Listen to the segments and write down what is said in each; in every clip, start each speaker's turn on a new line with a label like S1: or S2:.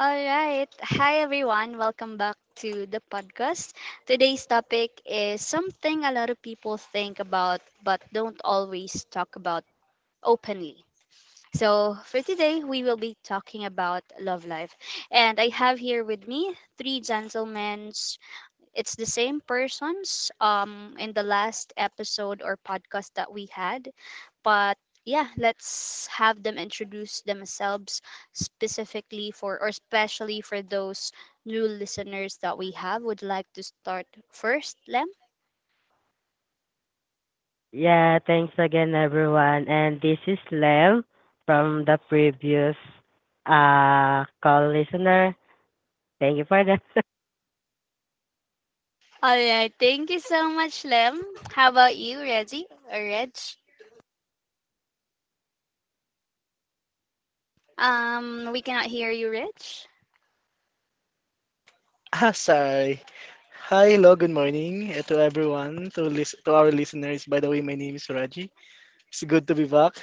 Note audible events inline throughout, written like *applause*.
S1: All right. Hi, everyone. Welcome back to the podcast. Today's topic is something a lot of people think about but don't always talk about openly. So, for today, we will be talking about love life. And I have here with me three gentlemen, it's the same persons in the last episode or podcast that we had, but yeah, let's have them introduce themselves specifically for or especially for those new listeners that we have. Would like to start first, Lem?
S2: Yeah, thanks again, everyone. And this is Lem from the previous call listener. Thank you for that. *laughs*
S1: All right. Thank you so much, Lem. How about you, Reggie or Reg? We cannot hear you, Reg.
S3: Ah, sorry. Hi, hello, good morning, to everyone, to our listeners. By the way, my name is Raji. It's good to be back.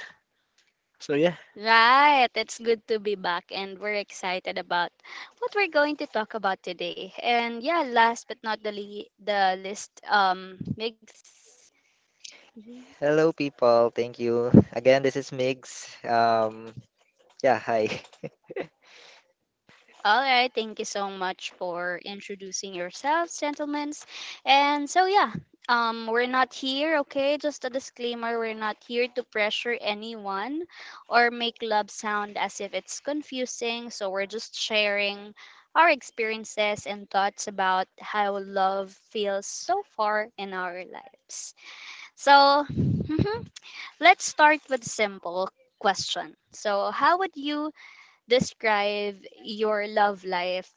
S3: So yeah.
S1: Right, it's good to be back, and we're excited about what we're going to talk about today. And yeah, last but not the list, big.
S4: Hello, people. Thank you. Again, this is Migs. Yeah, hi. *laughs*
S1: All right, thank you so much for introducing yourselves, gentlemen. And so yeah, we're not here, okay? Just a disclaimer, we're not here to pressure anyone or make love sound as if it's confusing. So we're just sharing our experiences and thoughts about how love feels so far in our lives. So, mhm, let's start with simple question. So, how would you describe your love life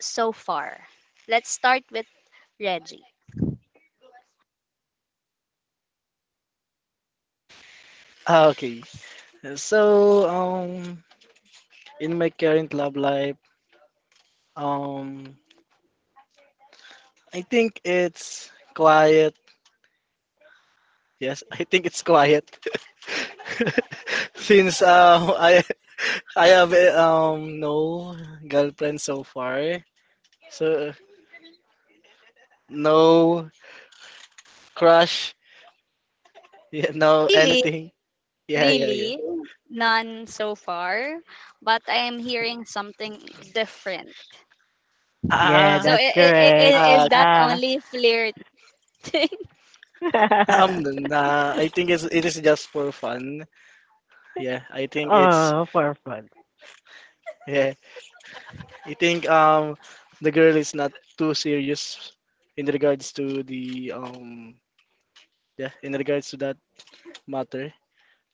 S1: so far? Let's start with Reggie.
S3: Ah, okay. So um, in my current love life, um, I think it's quiet. Yes, *laughs* I think it's quiet. *laughs* Since I have no girlfriend so far, so no crush, yeah, no
S1: Really,
S3: anything. Yeah, yeah, yeah.
S1: really, none so far, but I am hearing something different.
S2: Yeah,
S3: Ah,
S1: So
S2: that's
S1: i- i- i-
S2: correct.
S1: i- is
S3: uh,
S1: that
S2: Uh,
S1: only flirting? *laughs*
S3: um,
S2: *laughs*
S3: nah, I think it is just for fun. Yeah, I think it's.
S2: oh, for fun.
S3: Yeah. I think the girl is not too serious in regards to the yeah, in regards to that matter.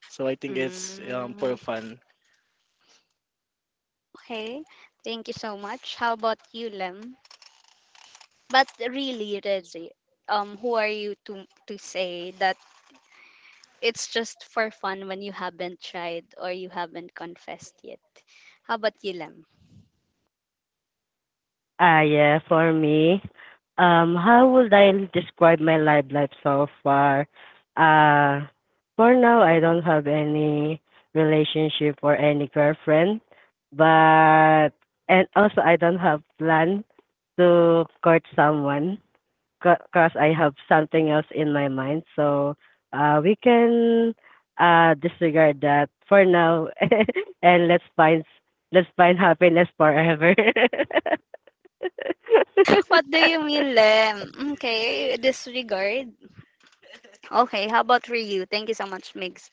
S3: So I think it's for
S1: Mm,
S3: fun.
S1: okay, thank you so much. How about you, Lem? But really, Reggie, who are you to say that it's just for fun when you haven't tried or you haven't confessed yet? How about you, Lem?
S2: Ah, yeah, for me, how would I describe my live life so far? Uh, for now, I don't have any relationship or any girlfriend, but and also I don't have plan to court someone because I have something else in my mind. So, we can disregard that for now, *laughs* and let's find happiness forever. *laughs*
S1: What do you
S2: *laughs*
S1: mean, Lem? Okay, disregard. Okay, how about Ryu? Thank you so much, Migs.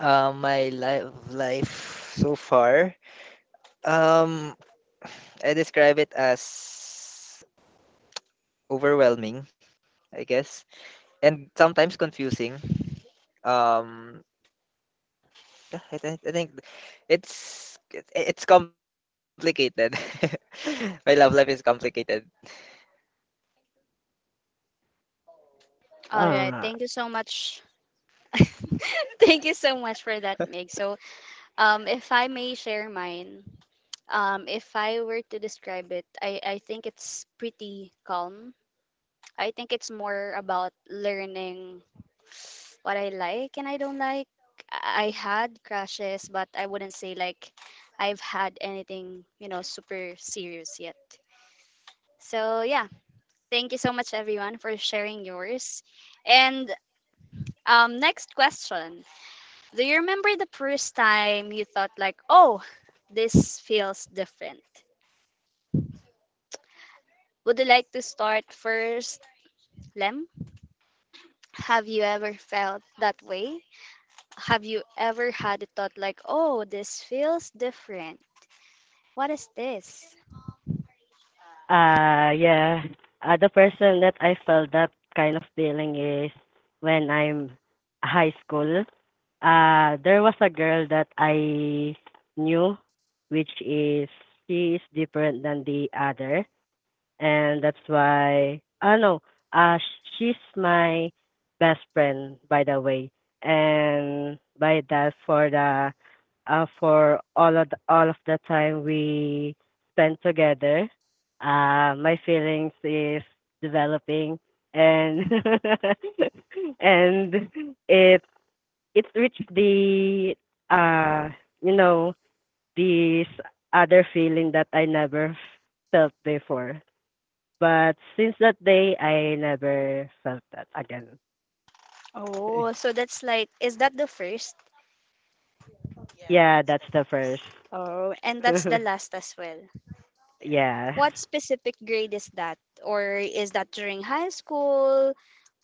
S4: My life so far. Um, I describe it as overwhelming, I guess, and sometimes confusing. Um, I think it's complicated. *laughs* My love life is complicated.
S1: All right,
S2: Uh,
S1: thank you so much. *laughs* Thank you so much for that, Mig. So, if I may share mine, if I were to describe it, I think it's pretty calm. I think it's more about learning what I like and I don't like. I had crashes, but I wouldn't say like I've had anything, you know, super serious yet. So yeah, thank you so much everyone for sharing yours. And next question: do you remember the first time you thought like, "Oh, this feels different"? Would you like to start first, Lem? Have you ever felt that way? Have you ever had a thought like, "Oh, this feels different"? What is this?
S2: Yeah. The person that I felt that kind of feeling is when I'm high school. There was a girl that I knew, which is she is different than the other, and that's why. Ah no. Uh, she's my best friend, by the way, and by that for the for all of the time we spent together. My feelings is developing and *laughs* and it it reached the uh you know this other feeling that I never felt before. But since that day, I never felt that again.
S1: Oh,
S2: *laughs*
S1: so that's like, is that the first?
S2: Yeah, that's the first.
S1: Oh, and that's the
S2: *laughs*
S1: last as well.
S2: Yeah,
S1: What specific grade is that? Or is that during high school,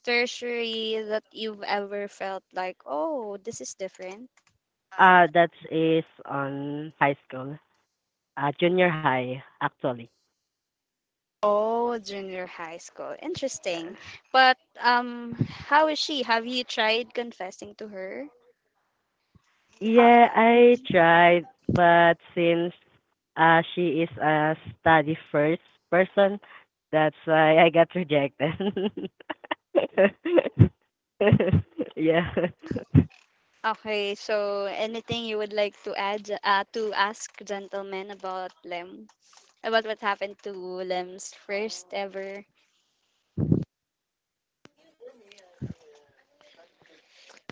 S1: tertiary, that you've ever felt like, oh, this is different?
S2: that is on high school, junior high actually.
S1: Oh, junior high school.
S2: Yeah.
S1: Interesting. But how is she? Have you tried confessing to her? How-
S2: Yeah, I
S1: Mhm.
S2: tried, but since she is a study first person, that's why I got rejected. *laughs* Yeah.
S1: Okay, so anything you would like to add to ask gentlemen about Lem, about what happened to Lem's first ever?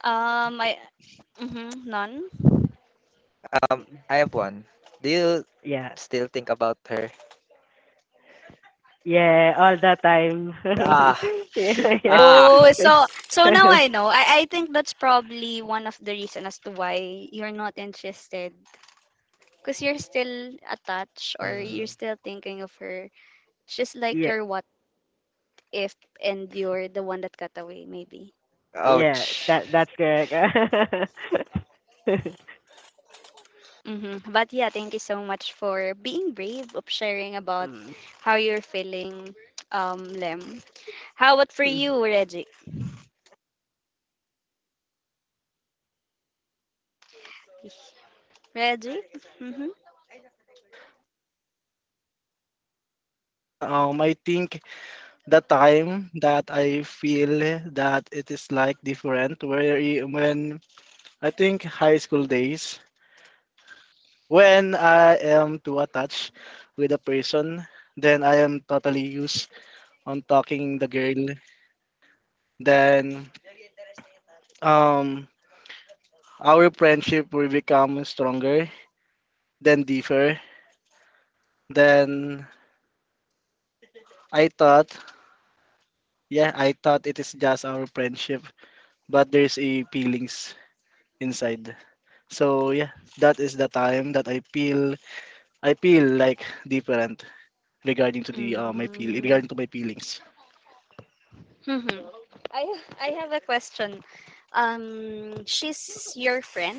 S1: Um, I, mm-hmm, none.
S4: I have one. Do you
S2: Yeah.
S4: still think about her?
S2: Yeah, all the time.
S4: Ah,
S2: *laughs* Yeah,
S4: ah.
S1: Oh,
S2: yeah.
S1: so so now I know. I think that's probably one of the reason as to why you're not interested because you're still attached or
S4: Mm,
S1: you're still thinking of her. It's just like
S2: *laughs* Yeah,
S1: your what if, and you're the one that got away maybe.
S2: yeah,
S4: ouch.
S2: that that's correct. *laughs*
S1: Mm-hmm. But yeah, thank you so much for being brave of sharing about how you're feeling, Lem. How about for
S2: Mm.
S1: you, Reggie? Reggie? Mm-hmm.
S3: I think the time that I feel that it is like different where when I think high school days, when I am too attached with a person, then I am totally used on talking the girl. Then um our friendship will become stronger, then deeper. Then I thought, yeah, I thought it is just our friendship, but there's a feelings inside. So yeah, that is the time that I feel like different regarding to the my feel
S1: Mm-hmm.
S3: regarding to my feelings.
S1: Mm-hmm. I have a question. She's your friend,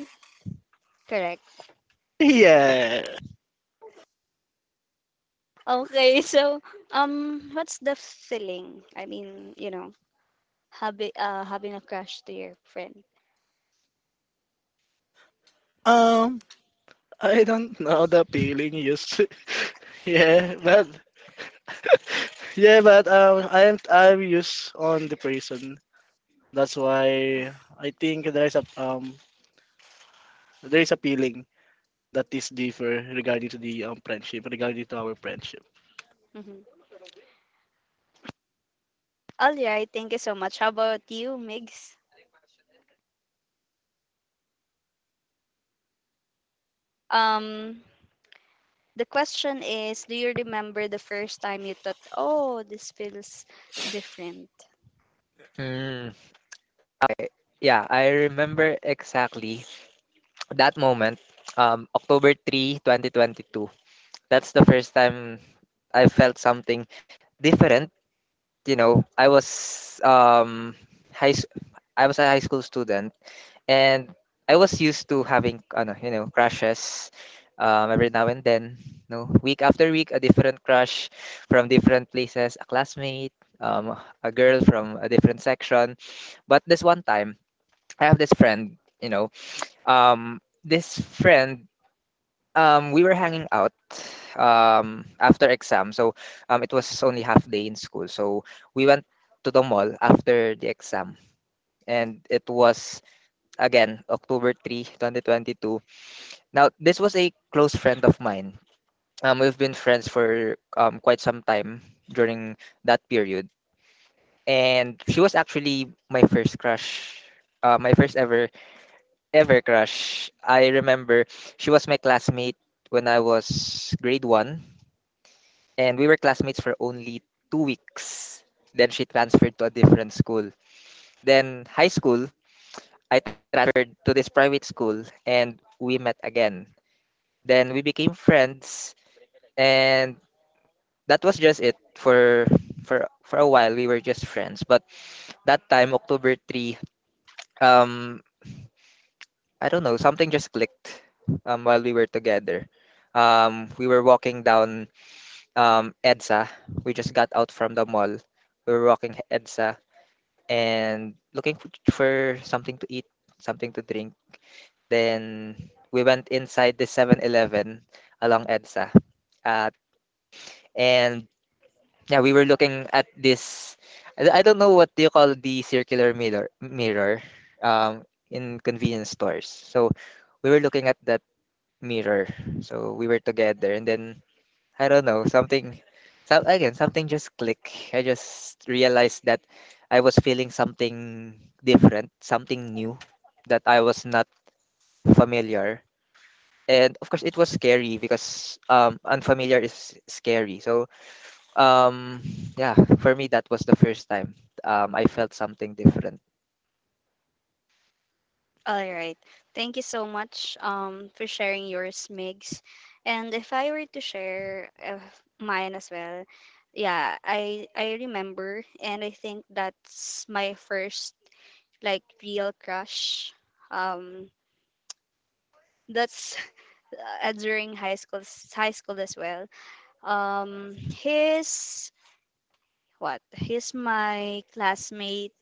S1: correct?
S3: *laughs* Yeah.
S1: Okay, *laughs* so what's the feeling? I mean, you know, having having a crush to your friend.
S3: Um I don't know the feeling used. To. *laughs* Yeah, but yeah, but I'm used on depression. That's why I think there is a feeling that is differ regarding to the friendship regarding to our friendship.
S1: Mm-hmm. All right, thank you so much. How about you, Migs? Um, the question is, do you remember the first time you thought, "Oh, this feels different"?
S4: Hmm. Yeah, I remember exactly that moment, October 3, 2022. That's the first time I felt something different. You know, I was high s- I was a high school student, and I was used to having you know, crushes every now and then, no, week after week a different crush from different places, a classmate, um a girl from a different section. But this one time, I have this friend, you know, this friend we were hanging out after exam, so it was only half day in school, so we went to the mall after the exam, and it was again October 3 2022. Now this was a close friend of mine. We've been friends for quite some time during that period, and she was actually my first crush, my first ever crush. I remember she was my classmate when I was grade one, and we were classmates for only 2 weeks. Then she transferred to a different school. Then high school, I transferred to this private school, and we met again. Then we became friends, and that was just it for a while. We were just friends, but that time October three, um, I don't know, something just clicked while we were together. We were walking down EDSA. We just got out from the mall. We were walking EDSA and looking for something to eat, something to drink. Then we went inside the 7-Eleven along EDSA. Uh, and yeah, we were looking at this. I don't know what you call the circular mirror um, in convenience stores. So we were looking at that mirror. So we were together, and then I don't know something. So again, something just clicked. I just realized that I was feeling something different, something new that I was not familiar. And of course, it was scary because unfamiliar is scary. Um, yeah, for me that was the first time I felt something different.
S1: All right. Thank you so much for sharing yours, Migs. And if I were to share mine as well, yeah, I remember, and I think that's my first like real crush. Um, that's *laughs* during high school as well. He's what? He's my classmate.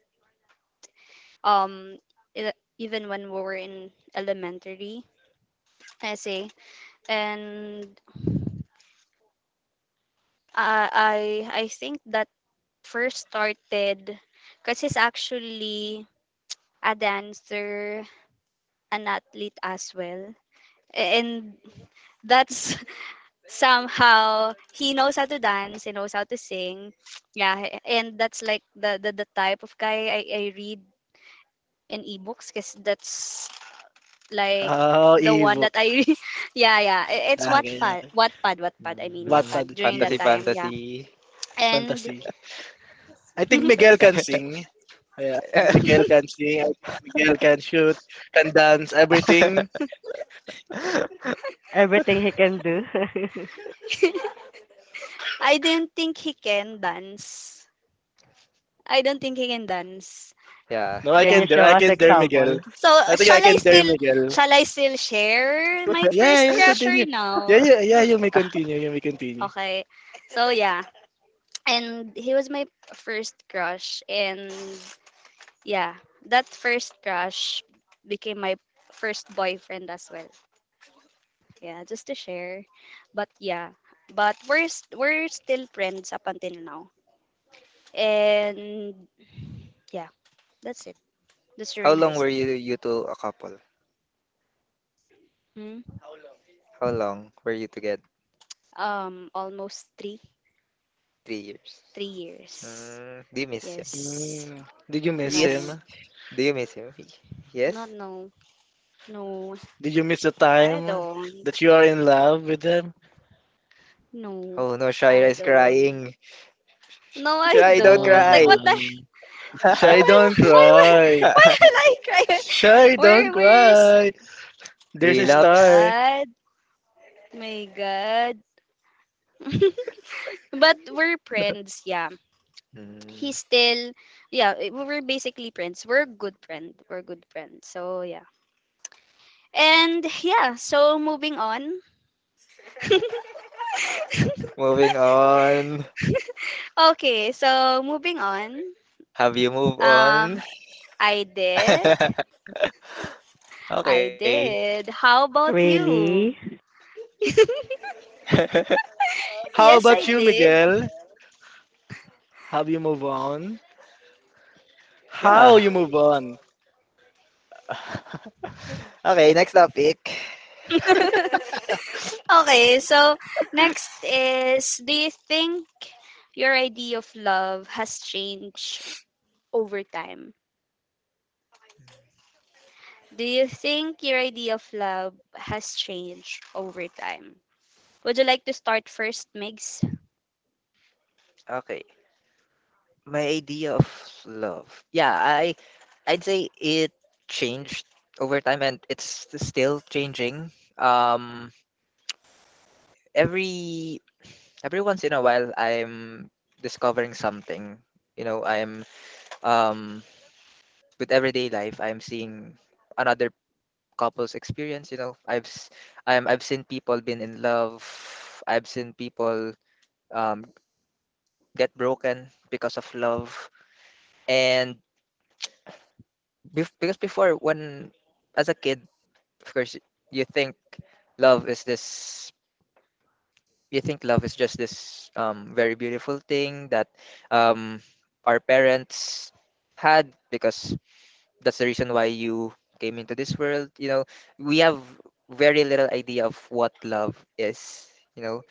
S1: Um, e- even when we were in elementary, I say, and uh, I think that first started because he's actually a dancer, an athlete as well, and that's *laughs* somehow he knows how to dance, he knows how to sing, yeah, and that's like the type of guy I read in ebooks because that's like
S3: Oh,
S1: the one that
S3: ebook.
S1: I *laughs* yeah, yeah I- it's what
S3: Okay,
S1: Wattpad
S3: okay.
S1: Wattpad Wattpad I mean
S4: Mm,
S3: Wattpad
S1: Wattpad during that
S4: fantasy,
S3: ebook
S1: time, yeah.
S4: fantasy.
S1: And
S3: fantasy. I think Miguel can
S1: *laughs*
S3: sing. Yeah, I think Miguel can sing. I think Miguel can shoot, can dance, everything.
S4: *laughs*
S2: Everything he can do. *laughs*
S1: I don't think he can dance. I don't think he can dance.
S4: yeah.
S3: No, I
S2: Can
S1: Yeah.
S2: you
S3: can dare.
S2: show
S3: I
S2: us
S3: can dare Miguel.
S2: example?
S1: So,
S3: I think I can dare Miguel.
S1: shall I still share my
S3: Yeah,
S1: first
S3: yeah,
S1: crush or
S3: continue. Yeah,
S1: no?
S3: yeah, yeah, you may continue. You may continue.
S1: Okay. So, yeah. And he was my first crush, and yeah, that first crush became my first boyfriend as well. Yeah, just to share. But yeah, but we're still friends up until now. And yeah, that's it. That's
S4: How
S1: during high
S4: long were
S1: school.
S4: you two a couple?
S1: Hmm?
S4: How long were you together?
S1: Um, almost three,
S4: 3 years.
S1: 3 years.
S4: Mm, do you miss him?
S1: Yes.
S3: Mm. Did you miss
S1: No,
S4: Yes.
S3: him?
S4: Do you miss him?
S1: not
S4: Yes.
S1: no, no.
S3: Did you miss the
S1: I
S3: time
S1: don't.
S3: that you are in love with him?
S1: No,
S4: Oh no, Shaira
S1: I
S4: is
S1: don't.
S4: crying.
S1: No, I
S4: Shai, don't
S1: don't.
S4: cry.
S1: Like what
S3: Ah,
S1: the?
S3: Shy,
S4: *laughs*
S1: Why?
S3: don't
S1: Why? Why?
S3: cry.
S1: Why will I cry? *laughs*
S3: Shy, don't
S1: Where? Where's?
S3: cry. There's a
S1: My
S4: Relapse.
S3: star.
S1: God. My God. But we're friends, yeah.
S4: Mm.
S1: He's still, yeah, eh, we're basically friends. We're good friend. We're good friends. So, yeah. And yeah, so moving on.
S4: Moving on.
S1: Okay, so moving on.
S4: Have you moved
S1: Um,
S4: on?
S1: I did.
S4: *laughs*
S1: I
S4: Okay.
S1: did. How about you?
S2: Really?
S4: *laughs*
S3: How
S1: Yes, I
S3: about you,
S1: did.
S3: Miguel? Have you move on?
S4: yeah.
S3: How you move on?
S4: *laughs* Okay, next topic.
S1: *laughs* Okay, so next is, do you think your idea of love has changed over time? Do you think your idea of love has changed over time? Would you like to start first, Migs?
S4: Okay. My idea of love. I'd say it changed over time, and it's still changing. Um, every every once in a while I'm discovering something. You know, I'm um with everyday life I'm seeing another couple's experience, you know. I've s- I'm I've seen people been in love. I've seen people um get broken because of love. And bef Because before, when as a kid, of course, you think love is this you think love is just this very beautiful thing that um, our parents had, because that's the reason why you came into this world. You know, we have very little idea of what love is, you know.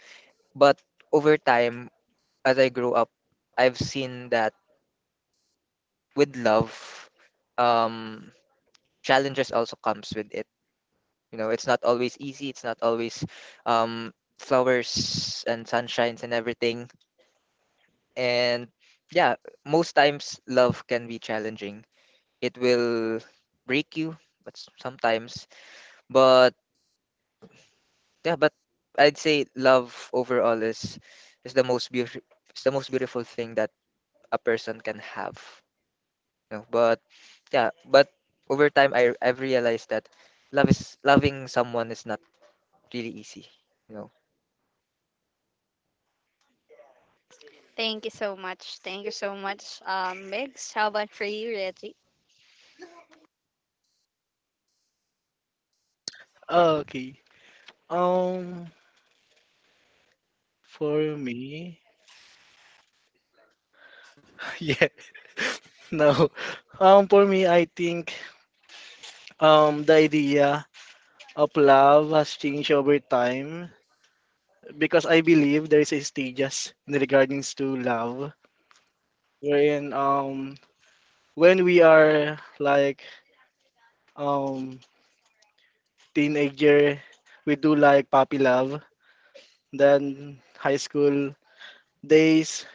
S4: But over time, as I grew up, I've seen that with love, um, challenges also comes with it. You know, it's not always easy, it's not always um, flowers and sunshines and everything. And yeah, most times love can be challenging. It will break you, but sometimes. But yeah, but I'd say love overall is the most beautiful is the most beautiful thing that a person can have. You know, but yeah, but over time I've realized that love is loving someone is not really easy. You know.
S1: Thank you so much. Thank you so much, Migs. How about for you, Reggie?
S3: Okay. Um, for me, *laughs* yeah, no. For me, I think the idea of love has changed over time because I believe there is a stages in regards to love, wherein when we are like um teenager, we do like puppy love, then high school days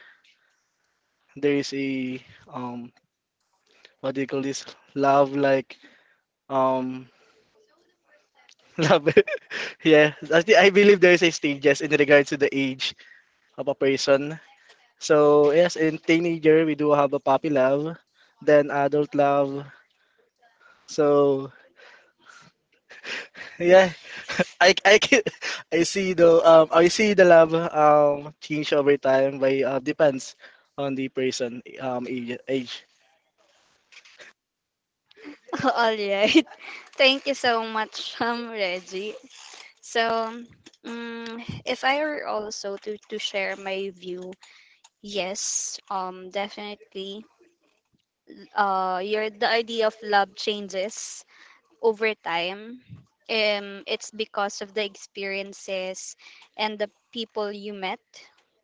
S3: there is a um what do you call this, love like um *laughs* love. *laughs* Yeah, I believe there is a stages in regards to the age of a person. So yes, in teenager we do have a puppy love, then adult love. So *laughs* yeah, I I can, *laughs* I see the love change over time by depends on the person age, age.
S1: *laughs* All right. *laughs* Thank you so much, Reggie. So, if I were also to share my view, yes, definitely. Your The idea of love changes over time, it's because of the experiences and the people you met,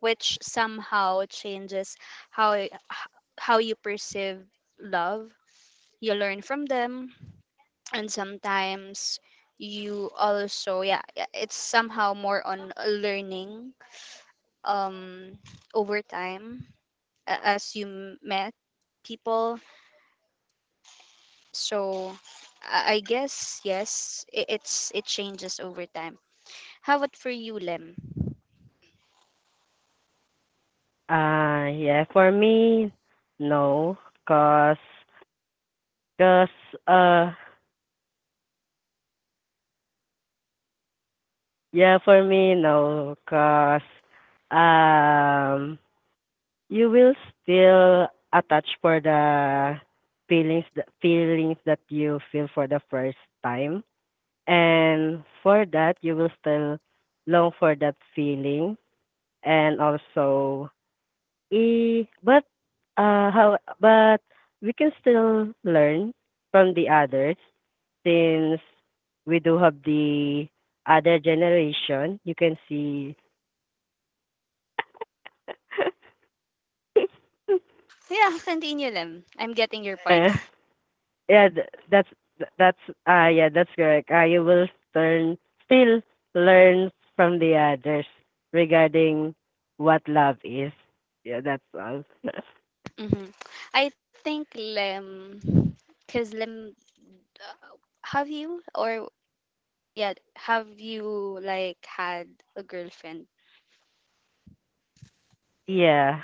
S1: which somehow changes how how you perceive love. You learn from them, and sometimes you also yeah yeah, it's somehow more on learning um over time as you met people, so I guess yes it's it changes over time. How about for you, Lem?
S2: Yeah, for me, no, cause, cause, uh, yeah, for me, no, cause, um, you will still attach for the feelings that you feel for the first time, and for that, you will still long for that feeling, and also but, how but we can still learn from the others since we do have the other generation. You can see *laughs*
S1: Yeah, *laughs* continue, Lem. I'm getting your
S2: Eh,
S1: points.
S2: yeah, that's yeah, that's correct. You will learn still learn from the others regarding what love is. Yeah, that's all. *laughs*
S1: Hmm, I think Lem, because Lem, uh, have you or yeah, have you like had a girlfriend?
S2: Yeah.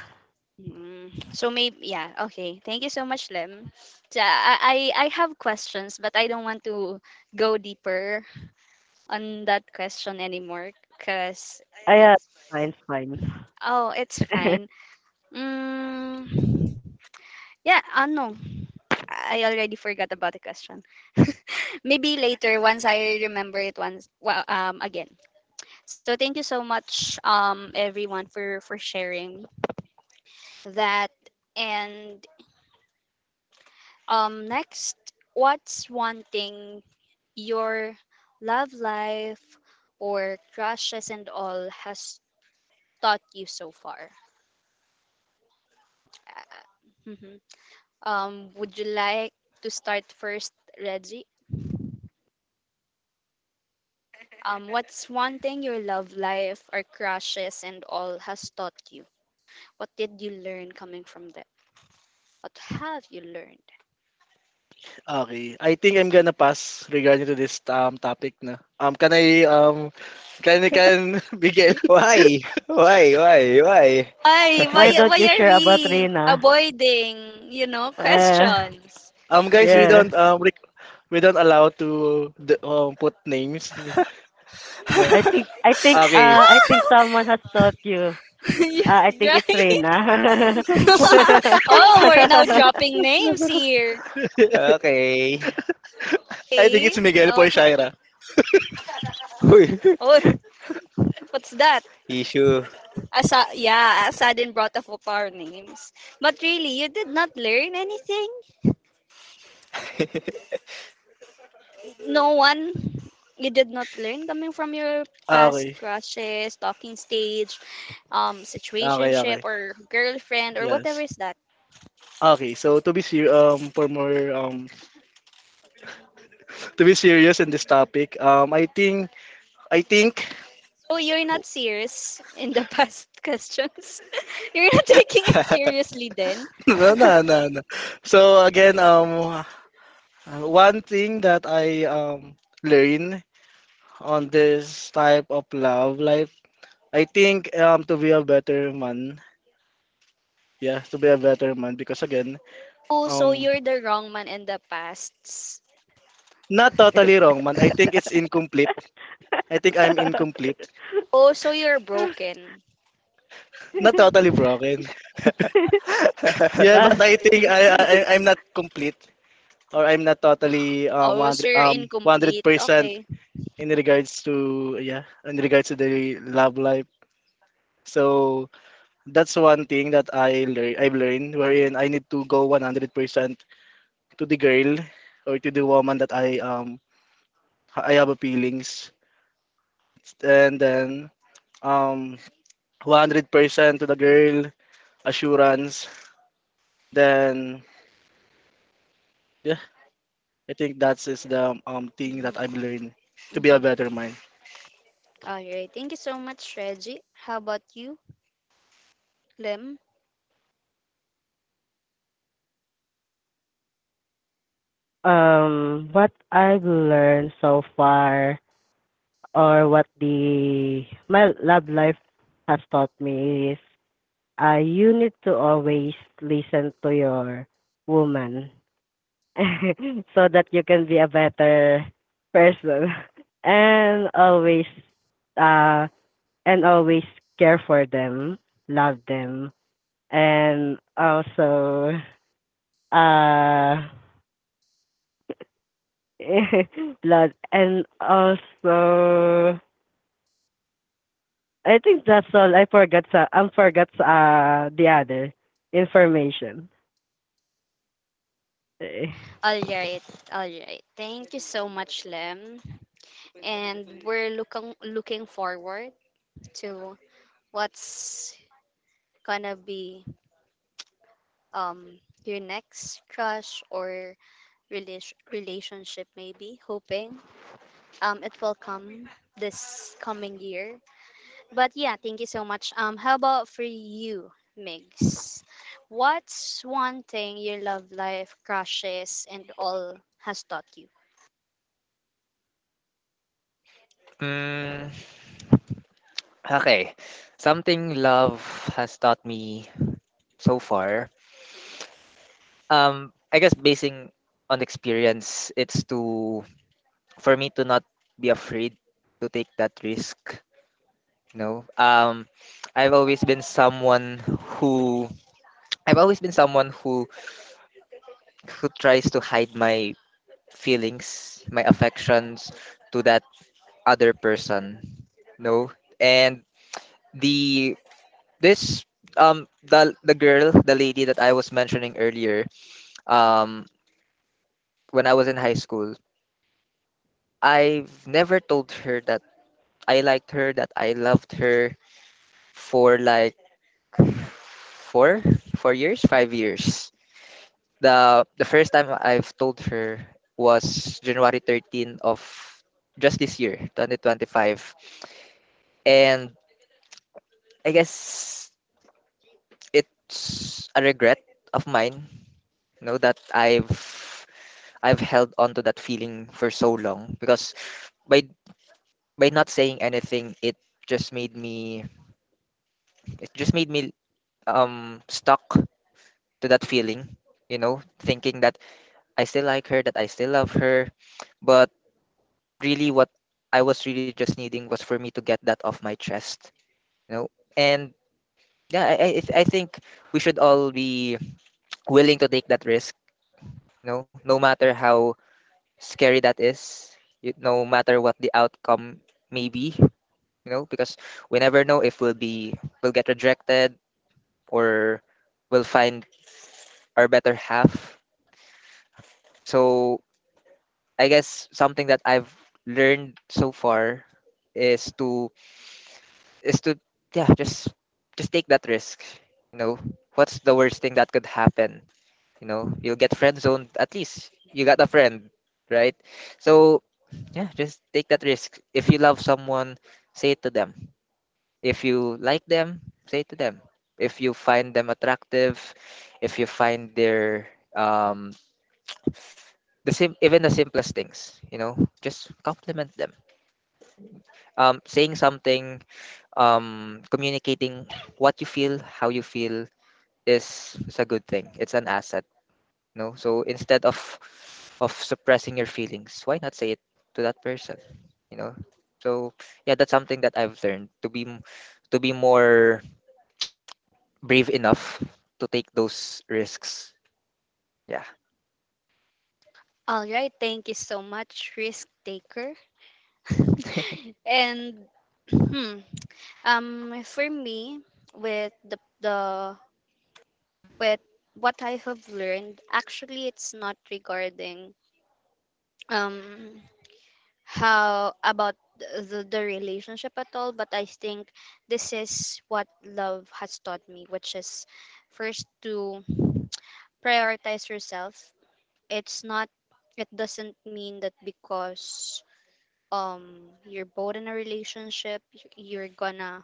S1: Mm. So maybe yeah, okay. Thank you so much, Lem. So, I have questions, but I don't want to go deeper on that question anymore, cause.
S2: I Mine's fine.
S1: Oh, it's fine.
S2: *laughs*
S1: Mm, yeah, ano? I already forgot about the question. Maybe later once I remember it once well again. So thank you so much everyone for sharing that. And um, next, what's one thing your love life or crushes and all has taught you so far? Mhm. Um, would you like to start first, Reggie? What's one thing your love life or crushes and all has taught you? What did you learn coming from them? What have you learned?
S3: Okay, I think I'm gonna pass regarding to this topic na. Can I can I can *laughs* Miguel?
S4: Why? Why? Why? Why?
S1: Ay,
S2: Why
S4: *laughs*
S2: don't
S1: why
S2: you
S1: are
S2: share about
S1: we
S2: Rina?
S1: avoiding, you know,
S2: Uh,
S1: questions?
S3: Guys, we
S2: yeah.
S3: don't we don't allow to put names. *laughs* No. Okay,
S2: I think someone has taught you.
S1: *laughs*
S2: I think
S1: Yeah,
S2: it's Rina.
S1: right.
S2: *laughs*
S1: *laughs* Oh, we're now dropping names here.
S4: Okay.
S3: I think
S1: Okay.
S3: it's Miguel for
S1: Okay.
S3: Shaira.
S4: Uy,
S1: Oh, *laughs* what's that?
S4: *laughs* issue.
S1: Asa yeah, Asadin brought up of our names. But really, you did not learn anything?
S4: *laughs*
S1: No one, you did not learn coming from your past
S3: Okay.
S1: crushes, talking stage,
S3: Okay,
S1: situationship
S3: okay.
S1: or girlfriend or whatever
S3: Yes.
S1: is that.
S3: Okay, so for more to be serious in this topic, I think
S1: Oh, you're not serious in the past *laughs* questions. *laughs* You're not taking it seriously then.
S3: *laughs* no, no, no, no. So again, one thing that I learn on this type of love life, I think to be a better man. Yeah, to be a better man because again,
S1: Oh, so
S3: um
S1: you're the wrong man in the past.
S3: not totally wrong man. I think it's incomplete. I think I'm incomplete.
S1: Oh, so you're broken.
S3: Not totally broken.
S4: *laughs*
S3: Yeah,
S2: uh,
S3: but I, think I'm not complete or I'm not totally
S1: Oh, so
S3: 100
S1: you're incomplete.
S3: 100%
S1: Okay.
S3: in regards to yeah, in regards to the love life. So that's one thing that I've learned wherein I need to go 100% to the girl or to the woman that I have a feelings and then um 100% to the girl assurance, then yeah, I think that's is the thing that I've
S1: Mm-hmm.
S3: learned to be a
S1: Mm-hmm.
S3: better man.
S1: All right. Thank you so much, Reggie. How about you, Lem?
S2: what I've learned so far or what the my love life has taught me is you need to always listen to your woman *laughs* so that you can be a better person *laughs* and always uh and always care for them, love them and also uh *laughs* love and also I think that's all. I forgot the other information. *laughs*
S1: All right, all right. Thank you so much, Lem. And we're looking forward to what's gonna be um your next crush or relationship, maybe hoping it will come this coming year. But yeah, thank you so much um, how about for you, Migs, what's one thing your love life, crushes and all has taught you?
S4: Mm, okay. Something love has taught me so far. I guess basing on experience, it's to for me to not be afraid to take that risk. No. I've always been someone who I've always been someone who tries to hide my feelings, my affections to that other person. No. And the this The girl, the lady that I was mentioning earlier um when I was in high school, I've never told her that I liked her, that I loved her for like four four years, 5 years. The first time I've told her was January 13 of just this year 2025, and I guess it's a regret of mine. You know, that I've held on to that feeling for so long, because by not saying anything, just made me it just made me stuck to that feeling, you know, thinking that I still like her, that I still love her, but really what I was really just needing was for me to get that off my chest, you know. And yeah, I think we should all be willing to take that risk, you know, no matter how scary that is, no matter what the outcome may be, you know, because we never know if we'll get rejected, or we'll find our better half. So I guess something that I've learned so far is to yeah, just take that risk. You know, what's the worst thing that could happen? You know, you'll get friend zoned, at least you got a friend, right? So yeah, just take that risk. If you love someone, say it to them. If you like them, say to them. If you find them attractive, if you find their um the sim even the simplest things, you know, just compliment them. Saying something, communicating what you feel, how you feel is a good thing. It's an asset, you know. So instead of suppressing your feelings, why not say it to that person, you know? So yeah, that's something that I've learned, to to be more brave enough to take those risks. Yeah.
S1: All right, thank you so much, risk taker. *laughs*
S4: *laughs*
S1: And hmm, for me, with the with what I have learned, actually, it's not regarding um how about the relationship at all, but I think this is what love has taught me, which is first to prioritize yourself. It's not. It doesn't mean that because you're both in a relationship, you're gonna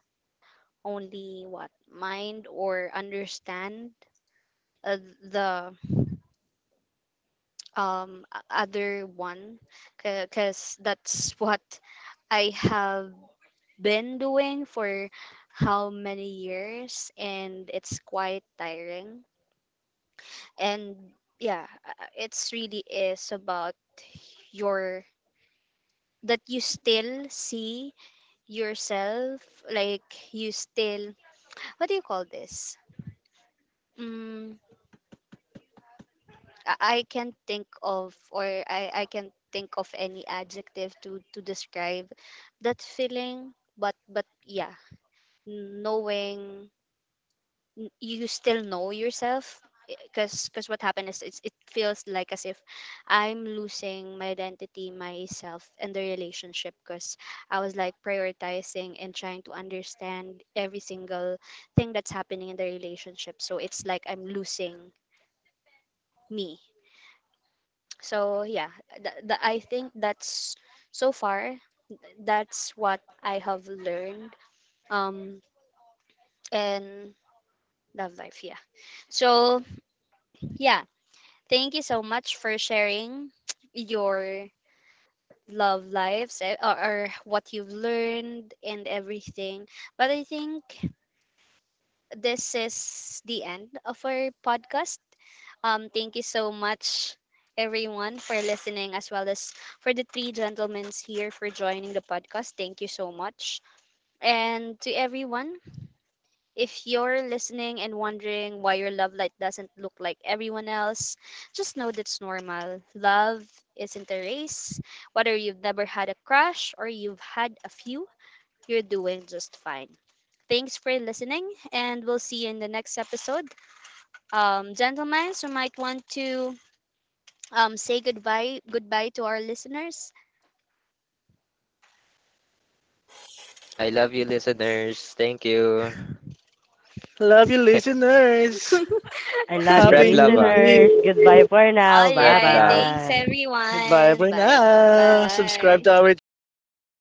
S1: only what mind or understand uh, the other one, because that's *laughs* what I have been doing for how many years, and it's quite tiring. And yeah, it's really is about your, that you still see yourself, like you still, what do you call this? Mm, I can't think of, or I can't think of any adjective to describe that feeling. But yeah, knowing you still know yourself, because what happened is it's, it feels like as if I'm losing my identity, myself, and the relationship. Because I was like prioritizing and trying to understand every single thing that's happening in the relationship. So it's like I'm losing me. So yeah, I think that's so far that's what I have learned um in love life, yeah. So yeah, thank you so much for sharing *tsk* your love lives eh, or what you've learned and everything. But I think this is the end of our podcast. Thank you so much, everyone, for listening, as well as for the three gentlemen here for joining the podcast. Thank you so much. And to everyone, if you're listening and wondering why your love light doesn't look like everyone else, just know that's normal. Love isn't a race. Whether you've never had a crush or you've had a few, you're doing just fine. Thanks for listening, and we'll see you in the next episode. Gentlemen, so might want to say goodbye to our listeners.
S4: I love you, listeners. Thank you.
S3: Love you,
S4: *laughs*
S3: listeners.
S2: I
S1: *laughs* All
S2: love you,
S4: Spread
S3: Happy
S4: love,
S3: New
S4: ah.
S2: listeners.
S3: Year!
S2: Goodbye for now.
S4: Spread
S1: right,
S4: love.
S1: thanks
S2: Bye-bye.
S3: Goodbye
S1: everyone.
S3: for now! Subscribe
S1: Bye
S3: to our channel!